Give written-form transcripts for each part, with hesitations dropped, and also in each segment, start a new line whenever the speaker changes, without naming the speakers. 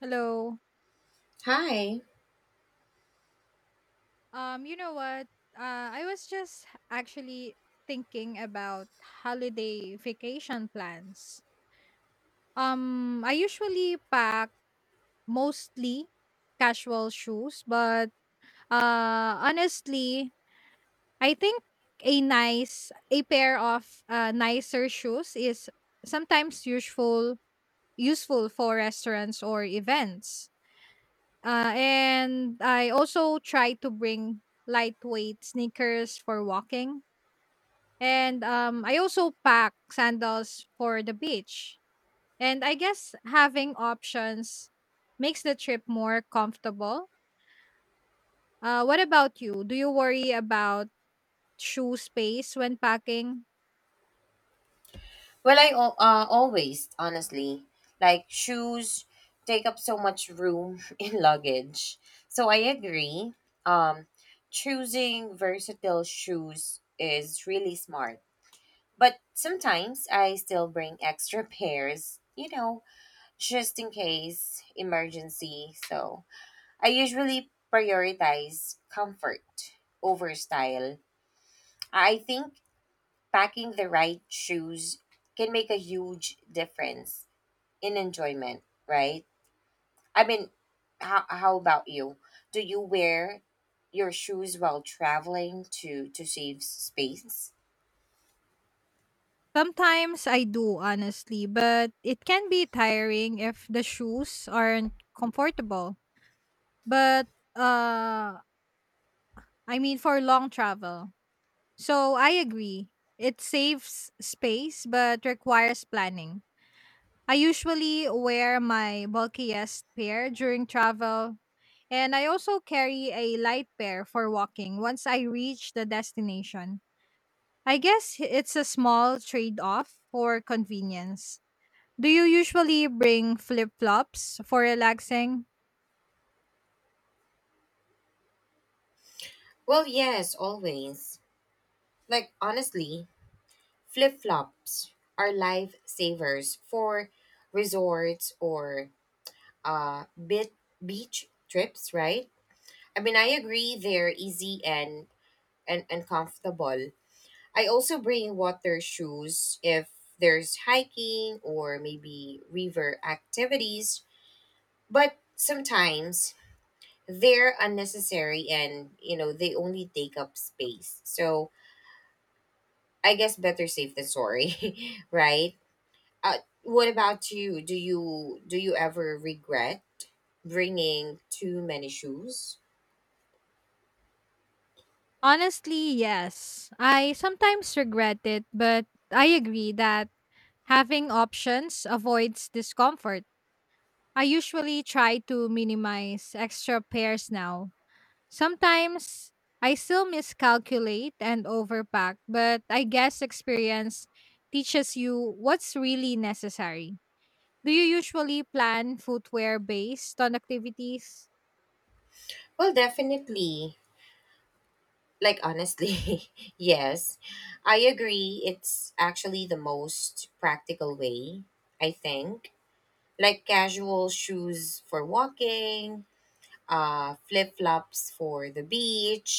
Hello.
Hi.
You know what? I was just actually thinking about holiday vacation plans. I usually pack mostly casual shoes, but honestly, I think a pair of nicer shoes is sometimes useful for restaurants or events. And I also try to bring lightweight sneakers for walking. And I also pack sandals for the beach. And I guess having options makes the trip more comfortable. What about you? Do you worry about shoe space when packing?
Well, honestly, like shoes take up so much room in luggage. So I agree. Um, Choosing versatile shoes is really smart. But sometimes I still bring extra pairs, you know, just in case emergency. So I usually prioritize comfort over style. I think packing the right shoes can make a huge difference in enjoyment, right? I mean, how about you? Do you wear your shoes while traveling to save space?
Sometimes I do, honestly, but it can be tiring if the shoes aren't comfortable. But uh, I mean, for long travel. So I agree. It saves space but requires planning. I usually wear my bulkiest pair during travel, and I also carry a light pair for walking once I reach the destination. I guess it's a small trade off for convenience. Do you usually bring flip flops for relaxing?
Well, yes, always. Like honestly, flip-flops are lifesavers for resorts or bit beach trips, right? I mean, I agree they're easy and and comfortable, I also bring water shoes if there's hiking or maybe river activities, but sometimes they're unnecessary and they only take up space. So I guess better safe than sorry, right? What about you? Do you ever regret bringing too many shoes?
Honestly, yes. I sometimes regret it, but I agree that having options avoids discomfort. I usually try to minimize extra pairs now. Sometimes I still miscalculate and overpack, but I guess experience teaches you what's really necessary. Do you usually plan footwear based on activities?
Well, definitely. Like, honestly, yes. I agree. It's actually the most practical way, I think. Like casual shoes for walking, flip flops for the beach,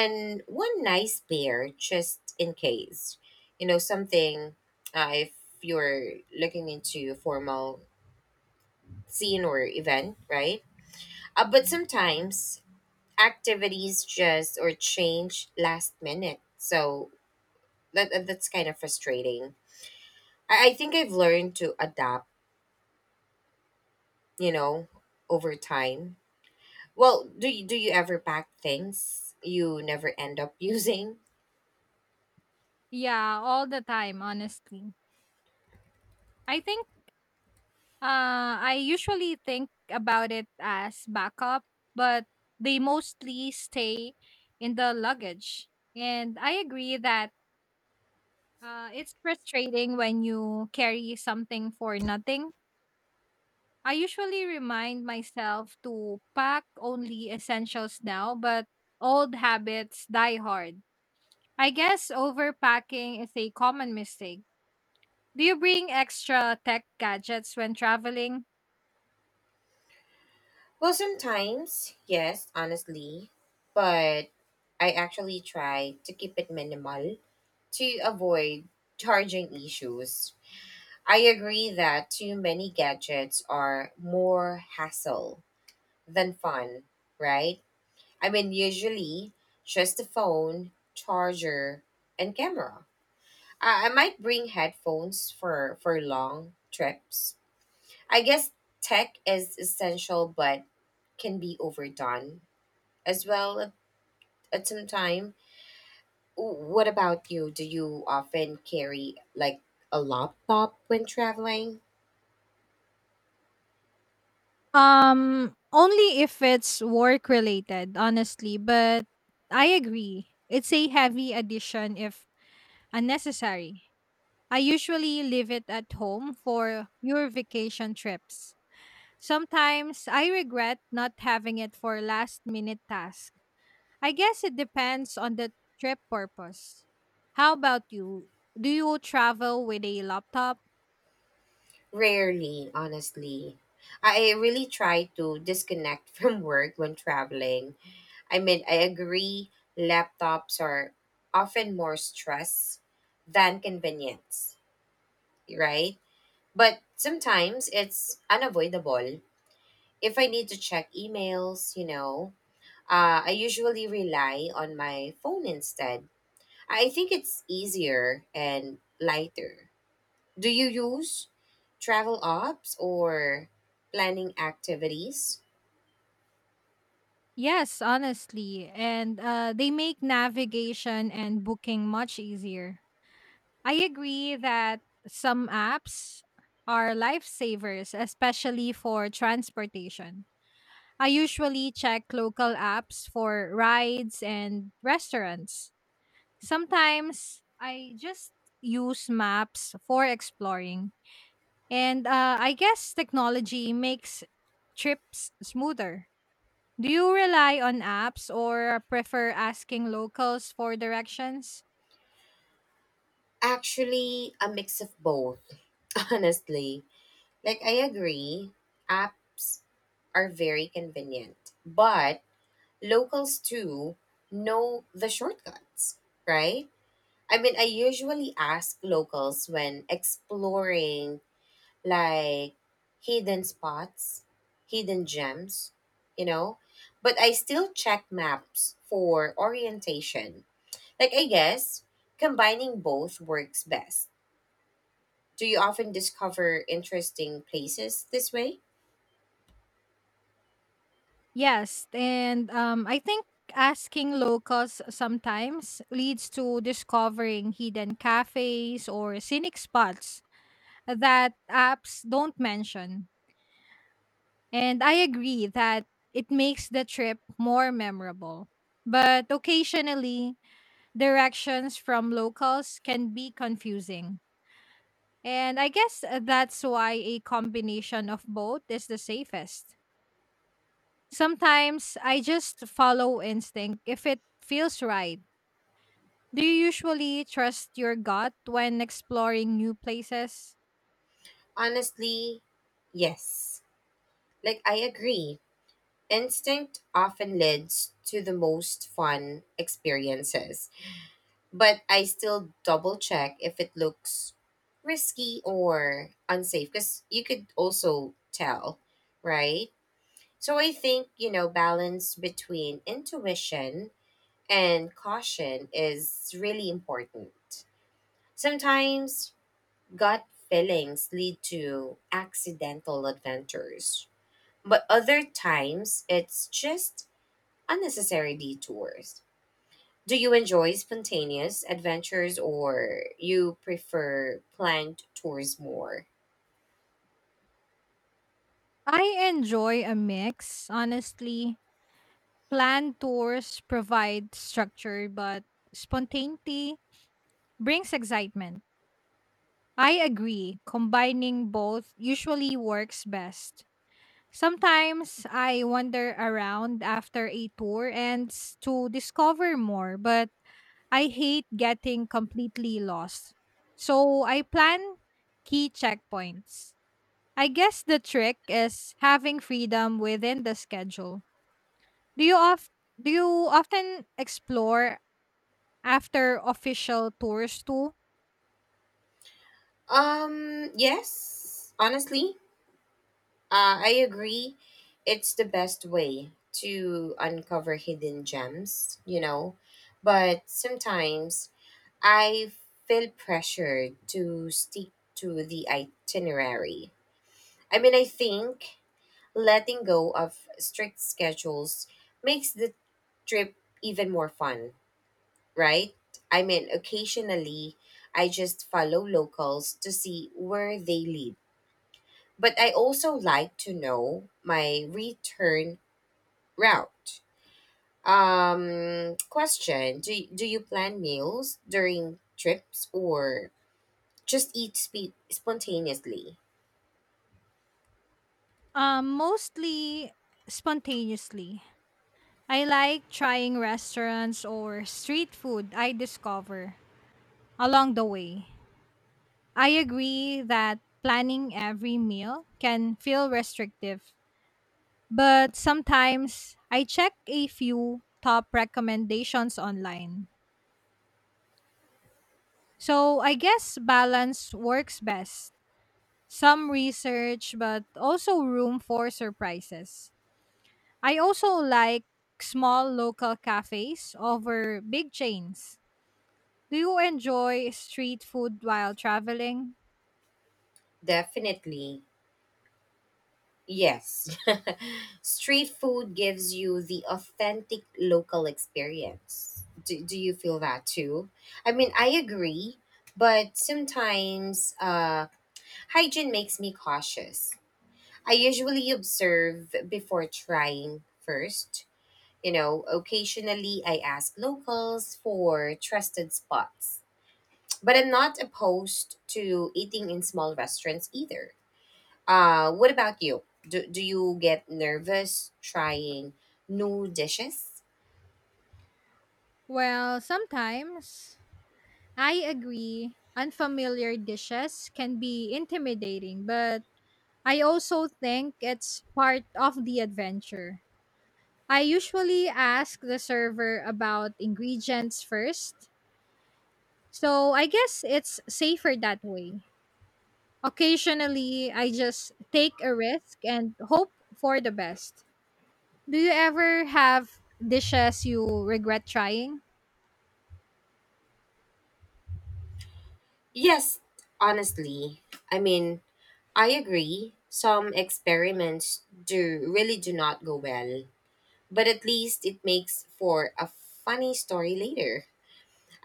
and one nice pair just in case. You know, something if you're looking into a formal scene or event, right? But sometimes activities just or change last minute. So that's kind of frustrating. I think I've learned to adapt, you know, over time. Well, do you ever pack things you never end up using?
Yeah, all the time, honestly. I think I usually think about it as backup, but they mostly stay in the luggage. And I agree that it's frustrating when you carry something for nothing. I usually remind myself to pack only essentials now, but old habits die hard. I guess overpacking is a common mistake. Do you bring extra tech gadgets when traveling?
Well, sometimes, yes, honestly, but I actually try to keep it minimal to avoid charging issues. I agree that too many gadgets are more hassle than fun, right? I mean, usually just the phone, charger, and camera. I might bring headphones for long trips. I guess tech is essential but can be overdone as well at some time. What about you? Do you often carry like a laptop when traveling?
Only if it's work related, honestly, but I agree. It's a heavy addition if unnecessary. I usually leave it at home for your vacation trips. Sometimes I regret not having it for last minute tasks. I guess it depends on the trip purpose. How about you? Do you travel with a laptop?
Rarely, honestly. I really try to disconnect from work when traveling. I mean, I agree, laptops are often more stress than convenience, right? But sometimes it's unavoidable. If I need to check emails, you know, I usually rely on my phone instead. I think it's easier and lighter. Do you use travel apps or planning activities?
Yes, honestly. And they make navigation and booking much easier. I agree that some apps are lifesavers, especially for transportation. I usually check local apps for rides and restaurants. Sometimes I just use maps for exploring. And I guess technology makes trips smoother. Do you rely on apps or prefer asking locals for directions?
Actually, a mix of both, honestly. Like I agree, apps are very convenient, but locals too know the shortcuts, right? I mean, I usually ask locals when exploring like hidden spots, hidden gems, you know, but I still check maps for orientation. Like, I guess combining both works best. Do you often discover interesting places this way?
Yes, and I think asking locals sometimes leads to discovering hidden cafes or scenic spots that apps don't mention. And I agree that it makes the trip more memorable. But occasionally, directions from locals can be confusing. And I guess that's why a combination of both is the safest. Sometimes I just follow instinct if it feels right. Do you usually trust your gut when exploring new places?
Honestly, yes. Like, I agree. Instinct often leads to the most fun experiences, but I still double check if it looks risky or unsafe because you could also tell, right? So I think, you know, balance between intuition and caution is really important. Sometimes gut feelings lead to accidental adventures, but other times it's just unnecessary detours. Do you enjoy spontaneous adventures or you prefer planned tours more?
I enjoy a mix, honestly. Planned tours provide structure, but spontaneity brings excitement. I agree, combining both usually works best. Sometimes I wander around after a tour and to discover more, but I hate getting completely lost. So I plan key checkpoints. I guess the trick is having freedom within the schedule. Do you of do you often explore after official tours too?
Yes, honestly, I agree. It's the best way to uncover hidden gems, you know, but sometimes I feel pressured to stick to the itinerary. I mean, I think letting go of strict schedules makes the trip even more fun, right? I mean, occasionally I just follow locals to see where they lead. But I also like to know my return route. Question, do you plan meals during trips or just eat spontaneously?
Mostly spontaneously. I like trying restaurants or street food I discover along the way. I agree that planning every meal can feel restrictive, but sometimes I check a few top recommendations online. So I guess balance works best. Some research, but also room for surprises. I also like small local cafes over big chains. Do you enjoy street food while traveling?
Definitely yes. Street food gives you the authentic local experience. Do you feel that too? I mean, I agree, but sometimes hygiene makes me cautious. I usually observe before trying first. You know, occasionally I ask locals for trusted spots. But I'm not opposed to eating in small restaurants either. What about you? Do you get nervous trying new dishes?
Well, sometimes I agree. Unfamiliar dishes can be intimidating, but I also think it's part of the adventure. I usually ask the server about ingredients first, so I guess it's safer that way. Occasionally, I just take a risk and hope for the best. Do you ever have dishes you regret trying?
Yes, honestly. I mean, I agree. Some experiments do really do not go well, but at least it makes for a funny story later.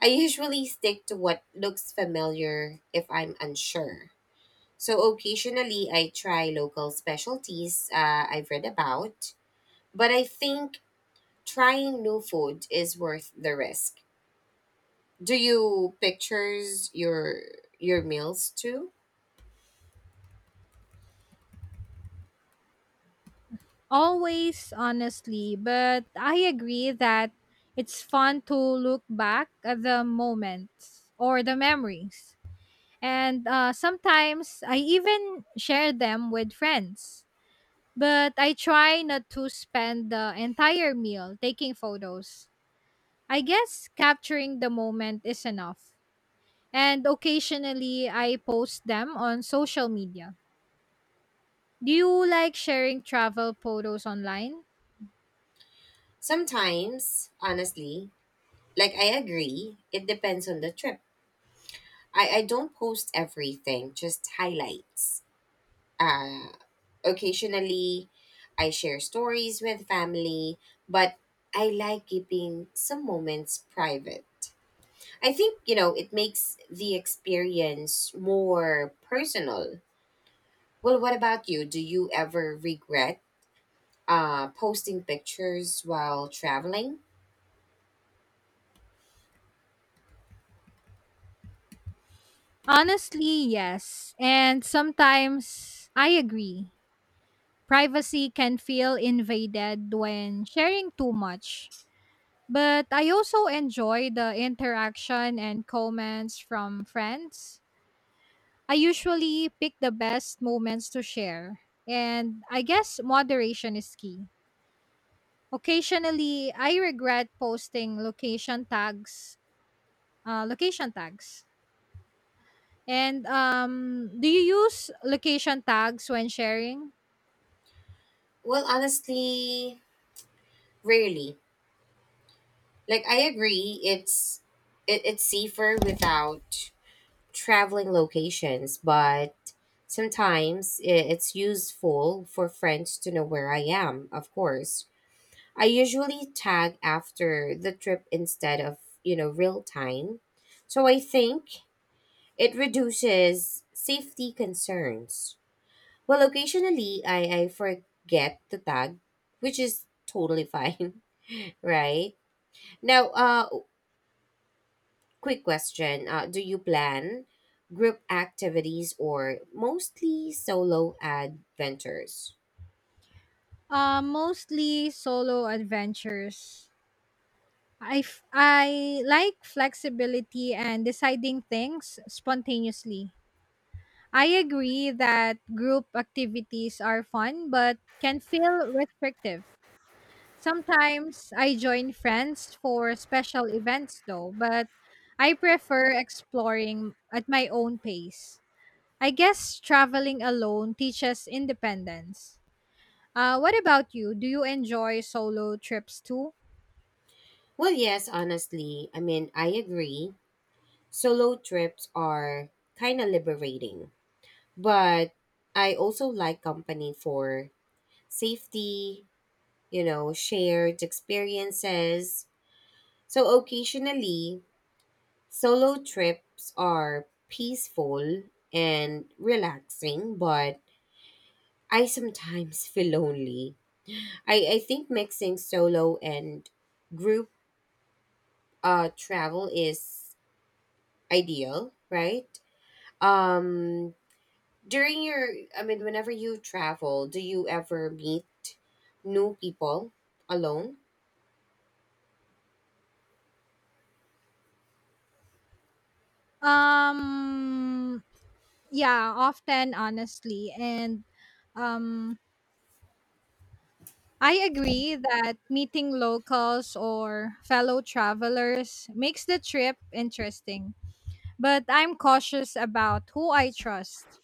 I usually stick to what looks familiar if I'm unsure. So occasionally I try local specialties I've read about, but I think trying new food is worth the risk. Do you pictures your meals too?
Always, honestly, but I agree that it's fun to look back at the moments or the memories. And sometimes I even share them with friends. But I try not to spend the entire meal taking photos. I guess capturing the moment is enough. And occasionally I post them on social media. Do you like sharing travel photos online?
Sometimes, honestly, like I agree, it depends on the trip. I don't post everything, just highlights. Uh Occasionally I share stories with family, but I like keeping some moments private. I think, you know, it makes the experience more personal. Well, what about you? Do you ever regret posting pictures while traveling?
Honestly, yes. And sometimes I agree. Privacy can feel invaded when sharing too much. But I also enjoy the interaction and comments from friends. I usually pick the best moments to share. And I guess moderation is key. Occasionally, I regret posting location tags, location tags. And do you use location tags when sharing?
Well, honestly, rarely. Like I agree, it's safer without traveling locations, but sometimes it's useful for friends to know where I am. Of course, I usually tag after the trip instead of real time, so I think it reduces safety concerns. Well, occasionally I forget to tag, which is totally fine, right? Now, quick question. Do you plan group activities or mostly solo adventures?
Mostly solo adventures. I like flexibility and deciding things spontaneously. I agree that group activities are fun but can feel restrictive. Sometimes I join friends for special events though, but I prefer exploring at my own pace. I guess traveling alone teaches independence. What about you? Do you enjoy solo trips too?
Well, yes, honestly. I mean, I agree. Solo trips are kind of liberating, but I also like company for safety, you know, shared experiences. So occasionally, solo trips are peaceful and relaxing, but I sometimes feel lonely. I think mixing solo and group travel is ideal, right? Um, During your, I mean, whenever you travel, do you ever meet new people alone?
Um yeah, often honestly, and um I agree that meeting locals or fellow travelers makes the trip interesting, but I'm cautious about who I trust.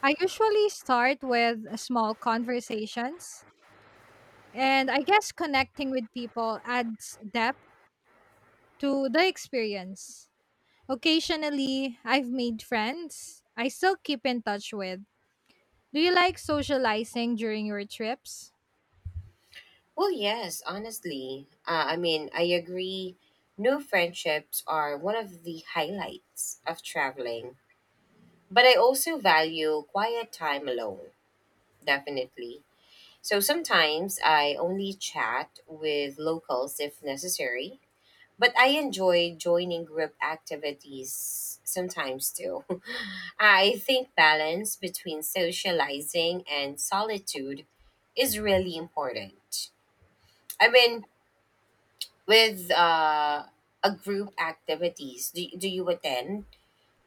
I usually start with small conversations, and I guess connecting with people adds depth to the experience. Occasionally, I've made friends I still keep in touch with. Do you like socializing during your trips?
Well, yes, honestly. I mean, I agree. New friendships are one of the highlights of traveling. But I also value quiet time alone, definitely. So sometimes I only chat with locals if necessary. But I enjoy joining group activities sometimes too. I think balance between socializing and solitude is really important. I mean, with a group activities, do you attend,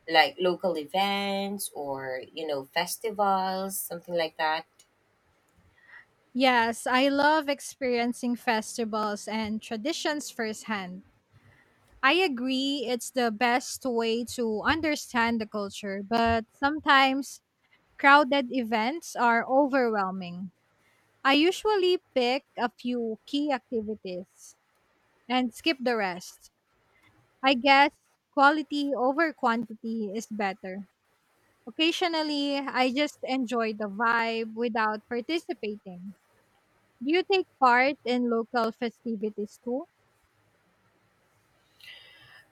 like local events or you know festivals something like that?
Yes, I love experiencing festivals and traditions firsthand. I agree it's the best way to understand the culture, but sometimes crowded events are overwhelming. I usually pick a few key activities and skip the rest. I guess quality over quantity is better. Occasionally, I just enjoy the vibe without participating. Do you take part in local festivities too?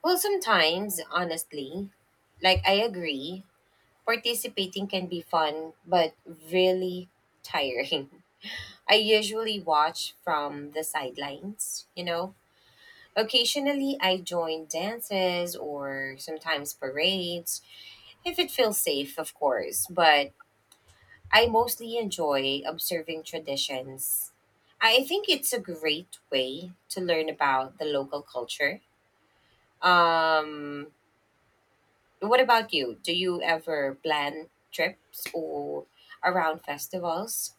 Well sometimes honestly, like I agree participating can be fun but really tiring. I usually watch from the sidelines, you know, occasionally I join dances or sometimes parades if it feels safe of course, but I mostly enjoy observing traditions. I think it's a great way to learn about the local culture. Um, what about you? Do you ever plan trips or around festivals?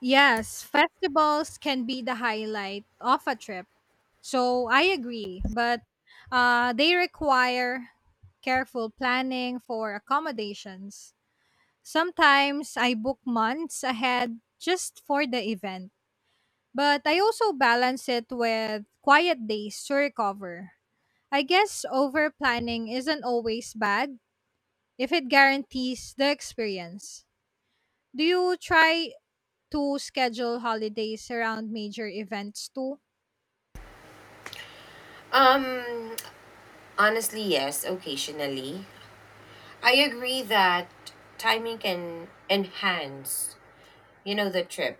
Yes, festivals can be the highlight of a trip. So I agree, but they require careful planning for accommodations. Sometimes I book months ahead just for the event, but I also balance it with quiet days to recover. I guess over planning isn't always bad if it guarantees the experience. Do you try to schedule holidays around major events too?
Um, Honestly, yes, occasionally. I agree that timing can enhance, you know, the trip.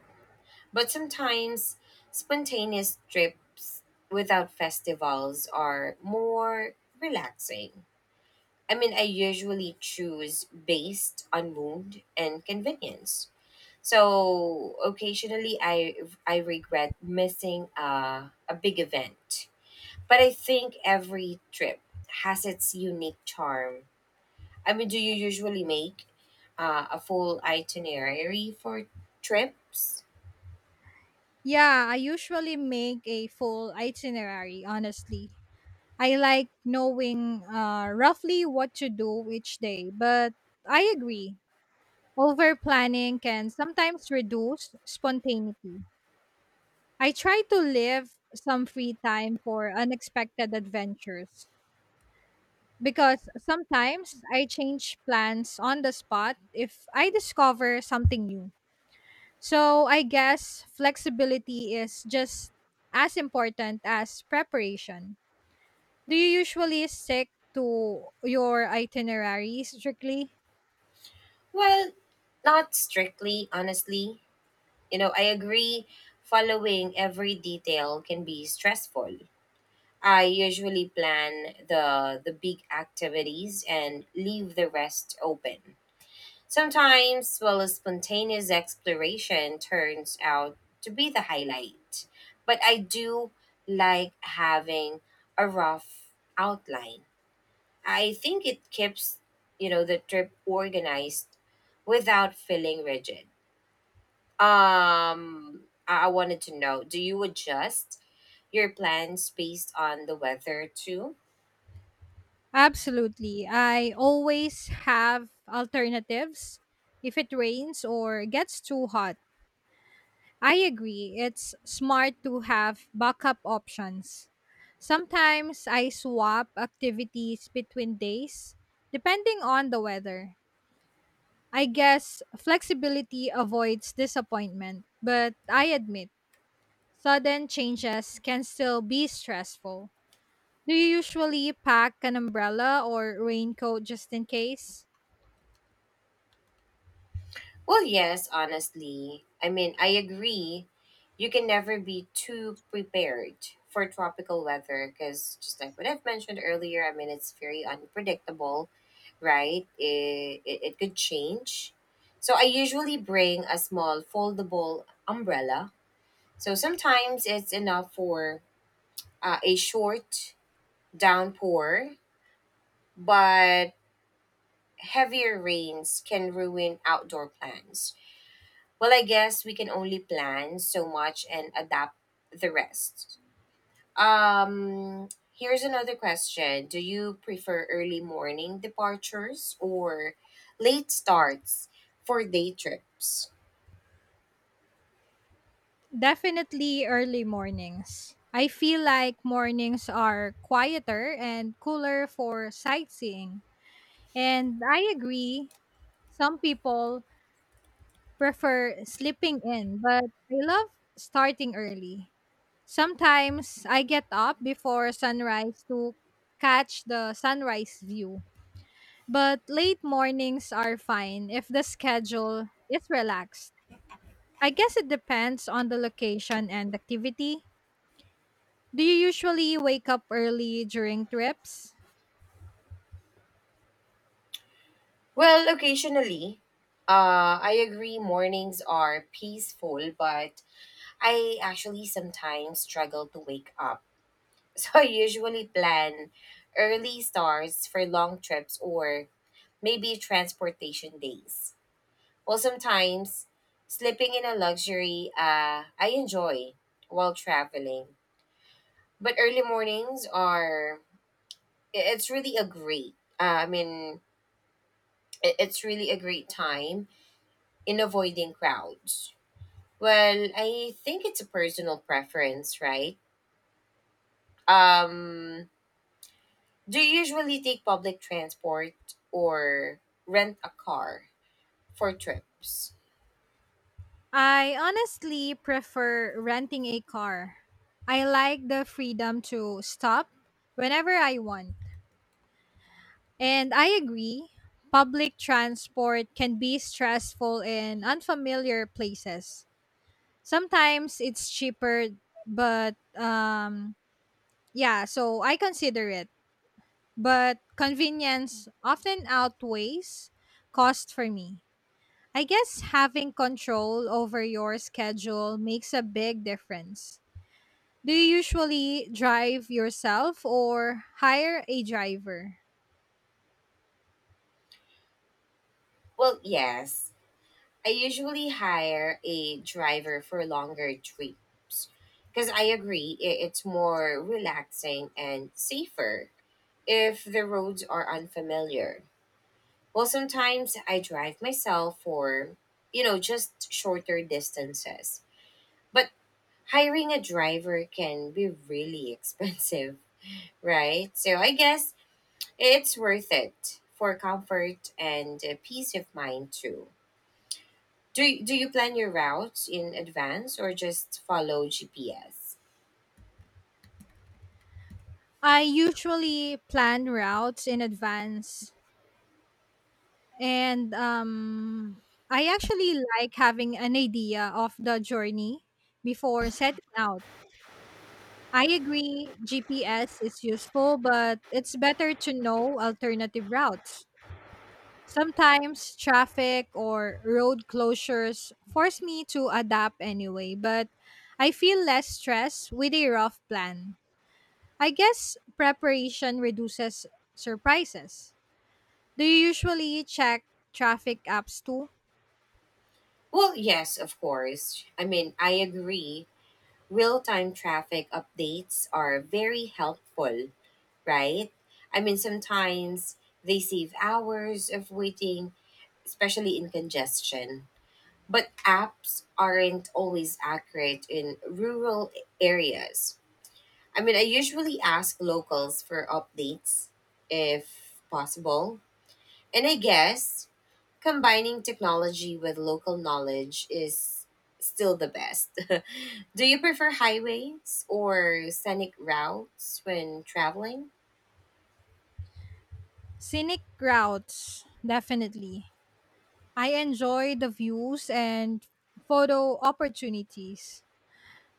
But sometimes spontaneous trips without festivals are more relaxing. I mean, I usually choose based on mood and convenience. So occasionally I regret missing a big event. But I think every trip has its unique charm. I mean, do you usually make a full itinerary for trips?
Yeah, I usually make a full itinerary, honestly. I like knowing roughly what to do each day, but I agree. Over planning can sometimes reduce spontaneity. I try to leave some free time for unexpected adventures because sometimes I change plans on the spot if I discover something new. So I guess flexibility is just as important as preparation. Do you usually stick to your itinerary strictly?
Well, not strictly, honestly. You know, I agree following every detail can be stressful. I usually plan the big activities and leave the rest open. Sometimes, well, a spontaneous exploration turns out to be the highlight. But I do like having a rough outline. I think it keeps, you know, the trip organized without feeling rigid. I wanted to know, do you adjust your plans based on the weather too?
Absolutely. I always have alternatives if it rains or gets too hot. I agree. It's smart to have backup options. Sometimes I swap activities between days depending on the weather. I guess flexibility avoids disappointment, but I admit sudden changes can still be stressful. Do you usually pack an umbrella or raincoat just in case?
Well, yes, honestly. I mean, I agree. You can never be too prepared for tropical weather because, just like what I've mentioned earlier, I mean, it's very unpredictable, right? It could change. So, I usually bring a small foldable umbrella. So, sometimes it's enough for a short downpour, but heavier rains can ruin outdoor plans. Well, I guess we can only plan so much and adapt the rest. Um, Here's another question. Do you prefer early morning departures or late starts for day trips?
Definitely early mornings. I feel like mornings are quieter and cooler for sightseeing. And I agree, some people prefer sleeping in, but I love starting early. Sometimes I get up before sunrise to catch the sunrise view. But late mornings are fine if the schedule is relaxed. I guess it depends on the location and activity. Do you usually wake up early during trips?
Well, occasionally, I agree mornings are peaceful, but I actually sometimes struggle to wake up. So I usually plan early starts for long trips or maybe transportation days. Well, sometimes sleeping in a luxury I enjoy while traveling. But early mornings are, it's really a great, it's really a great time in avoiding crowds. Well, I think it's a personal preference, right? Um, do you usually take public transport or rent a car for trips?
I honestly prefer renting a car. I like the freedom to stop whenever I want. And I agree, public transport can be stressful in unfamiliar places. Sometimes it's cheaper, but yeah, so I consider it. But convenience often outweighs cost for me. I guess having control over your schedule makes a big difference. Do you usually drive yourself or hire a driver?
Well, yes. I usually hire a driver for longer trips because I agree it's more relaxing and safer if the roads are unfamiliar. Well, sometimes I drive myself for, you know, just shorter distances. But hiring a driver can be really expensive, right? So I guess it's worth it for comfort and peace of mind too. Do you plan your routes in advance or just follow GPS?
I usually plan routes in advance, and I actually like having an idea of the journey before setting out. I agree GPS is useful but it's better to know alternative routes. Sometimes traffic or road closures force me to adapt anyway, but I feel less stress with a rough plan. I guess preparation reduces surprises. Do you usually check traffic apps too?
Well, yes, of course. I mean, I agree. Real time traffic updates are very helpful, right? I mean, sometimes they save hours of waiting, especially in congestion. But apps aren't always accurate in rural areas. I mean, I usually ask locals for updates if possible. And I guess combining technology with local knowledge is still the best. Do you prefer highways or scenic routes when traveling?
Scenic routes, definitely. I enjoy the views and photo opportunities.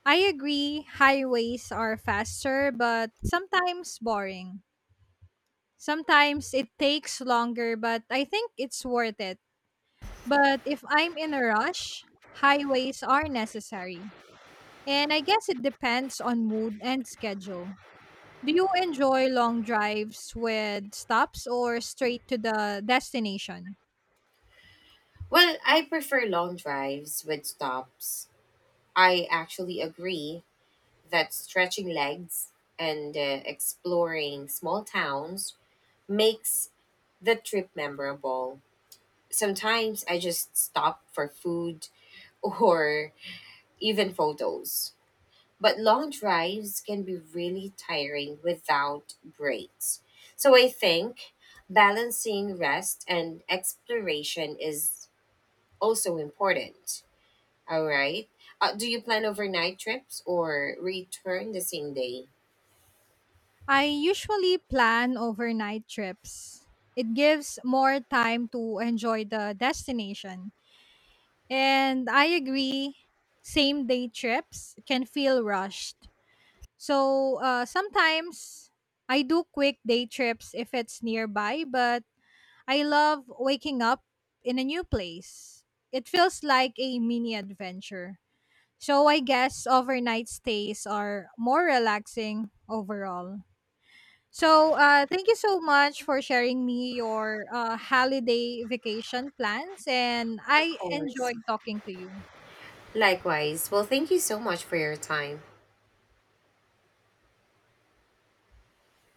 I agree, highways are faster but sometimes boring. Sometimes it takes longer, but I think it's worth it. But if I'm in a rush, highways are necessary. And I guess it depends on mood and schedule. Do you enjoy long drives with stops or straight to the destination?
Well, I prefer long drives with stops. I actually agree that stretching legs and exploring small towns makes the trip memorable. Sometimes I just stop for food or even photos. But long drives can be really tiring without breaks. So I think balancing rest and exploration is also important. All right. Do you plan overnight trips or return the same day?
I usually plan overnight trips. It gives more time to enjoy the destination. And I agree, same day trips can feel rushed. So sometimes I do quick day trips if it's nearby, but I love waking up in a new place. It feels like a mini adventure. So I guess overnight stays are more relaxing overall. So thank you so much for sharing me your holiday vacation plans, and
Of
I
course.
enjoyed talking to you.
Likewise. Well, thank you so much for your time.